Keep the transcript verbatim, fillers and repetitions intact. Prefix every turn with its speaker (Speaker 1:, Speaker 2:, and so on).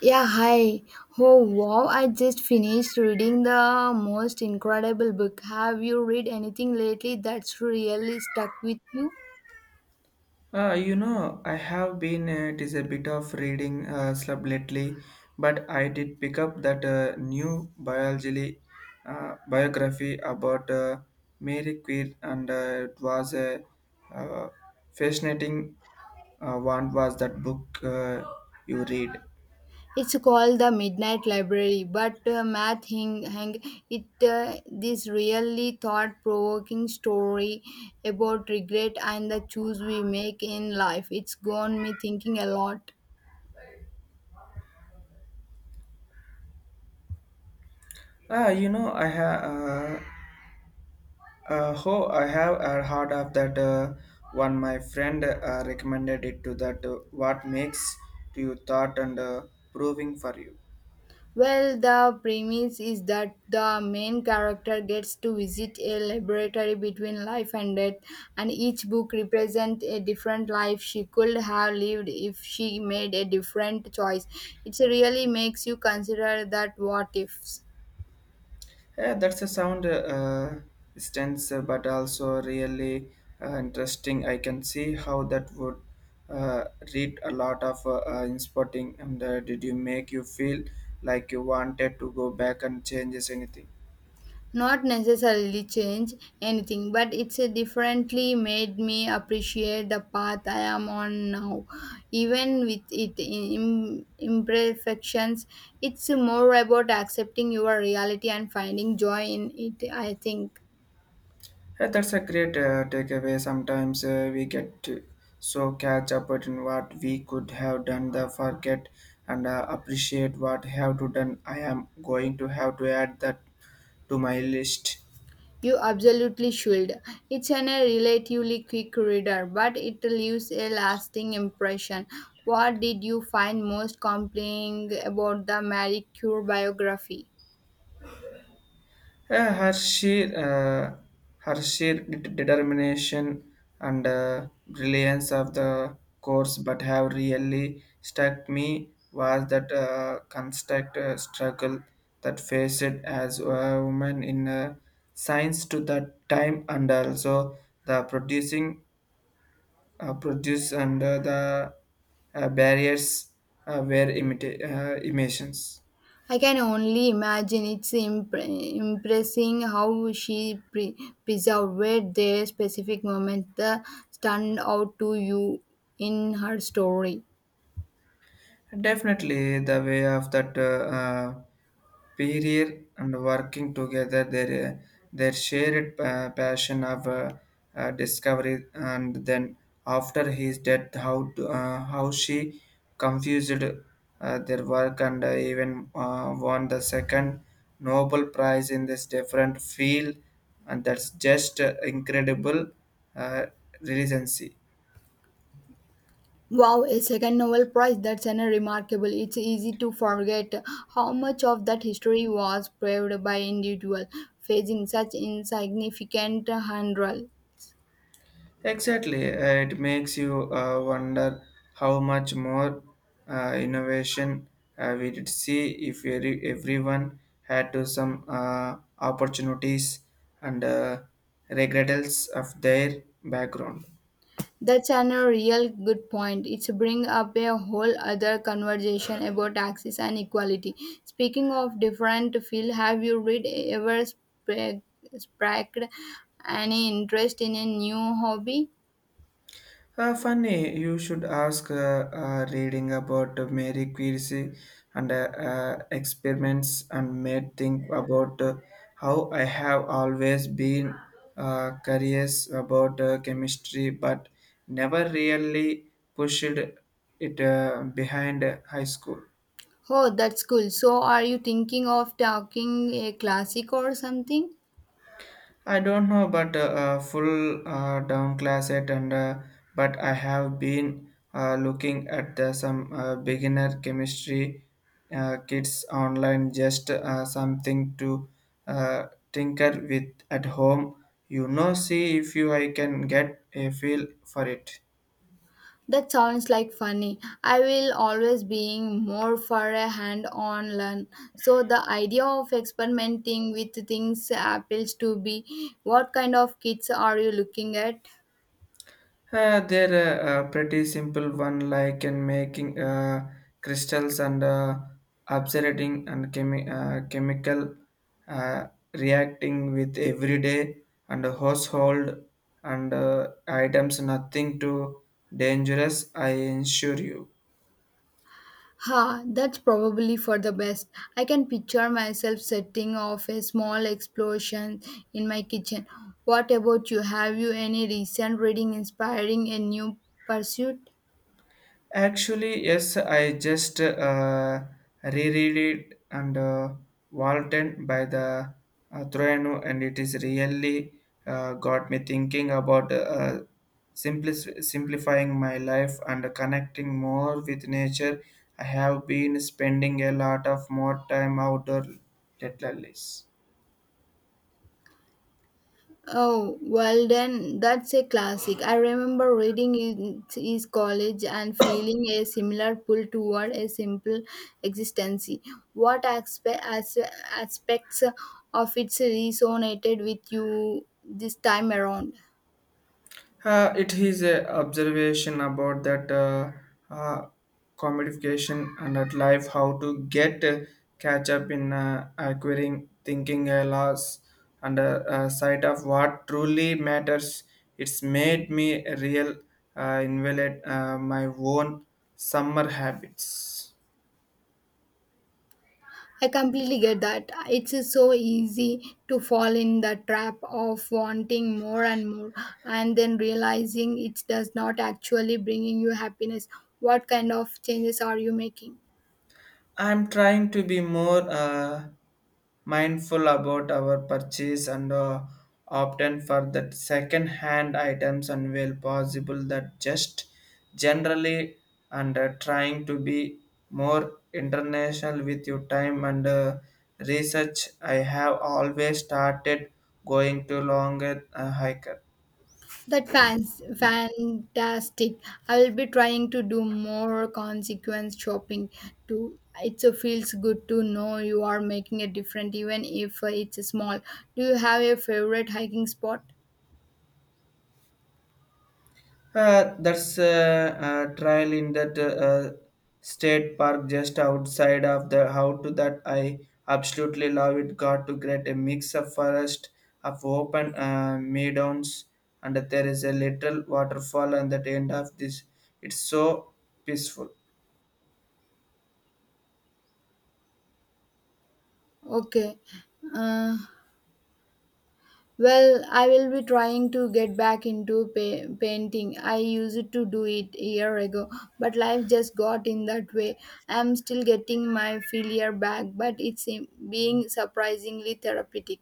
Speaker 1: Yeah, hi. Oh, wow. I just finished reading the most incredible book. Have you read anything lately that's really stuck with you?
Speaker 2: Uh, you know, I have been uh, it is a bit of reading uh, slump lately, but I did pick up that uh, new biology uh, biography about uh, Mary Queen, and uh, it was a uh, fascinating uh, one. Was that book uh, you read?
Speaker 1: It's called The Midnight Library, but uh, Matt Hing, Hang, it uh, this really thought-provoking story about regret and the choice we make in life. It's gone me thinking a lot.
Speaker 2: Ah, you know, I have. Uh, Uh, oh, I have uh, heard of that uh, one. My friend uh, recommended it to that. Uh, what makes you thought and uh, proving for you?
Speaker 1: Well, the premise is that the main character gets to visit a laboratory between life and death, and each book represents a different life she could have lived if she made a different choice. It really makes you consider that what ifs.
Speaker 2: Yeah, that's a sound uh, stance, uh, but also really uh, interesting. I can see how that would uh, read a lot of uh, uh, inspotting. And uh, did you make you feel like you wanted to go back and changes anything?
Speaker 1: Not necessarily change anything, but it's a differently made me appreciate the path I am on now. Even with it im- imperfections, it's more about accepting your reality and finding joy in it, I think.
Speaker 2: Yeah, that's a great uh, takeaway. Sometimes uh, we get to- so catch up in what we could have done, the forget and uh, appreciate what have to done. I am going to have to add that to my list.
Speaker 1: You absolutely should. It's an a relatively quick reader, but it leaves a lasting impression. What did you find most compelling about the Marie Curie biography?
Speaker 2: Yeah, her sheer, uh, her sheer de- determination and uh, brilliance of the course, but have really struck me was that uh, constant uh, struggle that faced as a woman in uh, science to that time, and also the producing uh, produce and uh, the uh, barriers uh, were imita- uh, emissions.
Speaker 1: I can only imagine it's impre- impressing how she pre- preserved their specific moment that stand out to you in her story.
Speaker 2: Definitely, the way of that uh, uh, period and working together, their uh, their shared uh, passion of uh, uh, discovery, and then after his death, how to, uh, how she confused uh, their work and uh, even uh, won the second Nobel Prize in this different field, and that's just uh, incredible uh, resiliency.
Speaker 1: Wow, a second Nobel Prize, that's an remarkable. It's easy to forget how much of that history was paved by individual facing such insignificant hurdles.
Speaker 2: Exactly, uh, it makes you uh, wonder how much more uh, innovation uh, we did see if every, everyone had to some uh, opportunities and uh, regrets of their background.
Speaker 1: That's an a real good point. It's bring up a whole other conversation about access and equality. Speaking of different field, have you read ever spra- sparked any interest in a new hobby?
Speaker 2: Uh, funny, you should ask uh, uh, reading about uh, Mary Curie and uh, uh, experiments and made think about uh, how I have always been uh, curious about uh, chemistry but never really pushed it uh, behind high school.
Speaker 1: Oh, that's cool. So, are you thinking of taking a classic or something?
Speaker 2: I don't know, but uh, uh, full uh, down class it, and uh, but I have been uh, looking at the, some uh, beginner chemistry uh, kits online, just uh, something to uh, tinker with at home. You know, see if you I can get a feel for it.
Speaker 1: That sounds like funny. I will always being more for a hand-on learn. So the idea of experimenting with things appeals to be what kind of kids are you looking at?
Speaker 2: Uh, there are uh, pretty simple one like in making uh, crystals and uh, observing and chemi- uh, chemical uh, reacting with everyday and household and uh, items, nothing too dangerous I assure you.
Speaker 1: Ha, that's probably for the best. I can picture myself setting off a small explosion in my kitchen. What about you? Have you any recent reading inspiring a new pursuit?
Speaker 2: Actually, yes, I just uh, reread it and uh, Walton by the uh, Troiano, and it is really uh, got me thinking about uh, simpli- simplifying my life and connecting more with nature. I have been spending a lot of more time outdoor lately.
Speaker 1: Oh, well, then that's a classic. I remember reading in his college and feeling a similar pull toward a simple existence. What aspect, as, aspects of it resonated with you this time around?
Speaker 2: Uh, it is a observation about that uh, uh, commodification and that life, how to get uh, catch up in uh, acquiring, thinking a loss, and uh, uh, sight of what truly matters. It's made me a real uh, invalid uh, my own summer habits.
Speaker 1: I completely get that. It's so easy to fall in the trap of wanting more and more and then realizing it does not actually bringing you happiness. What kind of changes are you making?
Speaker 2: I'm trying to be more uh, mindful about our purchase and uh, opt in for that second hand items and where possible that just generally and uh, trying to be more international with your time and uh, research I have always started going to longer uh, hike.
Speaker 1: That fans fantastic. I will be trying to do more consequence shopping too. It uh, feels good to know you are making a difference, even if uh, it's small. Do you have a favorite hiking spot?
Speaker 2: Uh, that's a, uh Trial in that uh, uh, state park just outside of the how to that I absolutely love it. Got to create a mix of forest of open uh, meadows and there is a little waterfall and at the end of this. It's so peaceful.
Speaker 1: Okay. Uh, well, I will be trying to get back into pa- painting. I used to do it a year ago, but life just got in that way. I am still getting my failure back, but it's uh, being surprisingly therapeutic.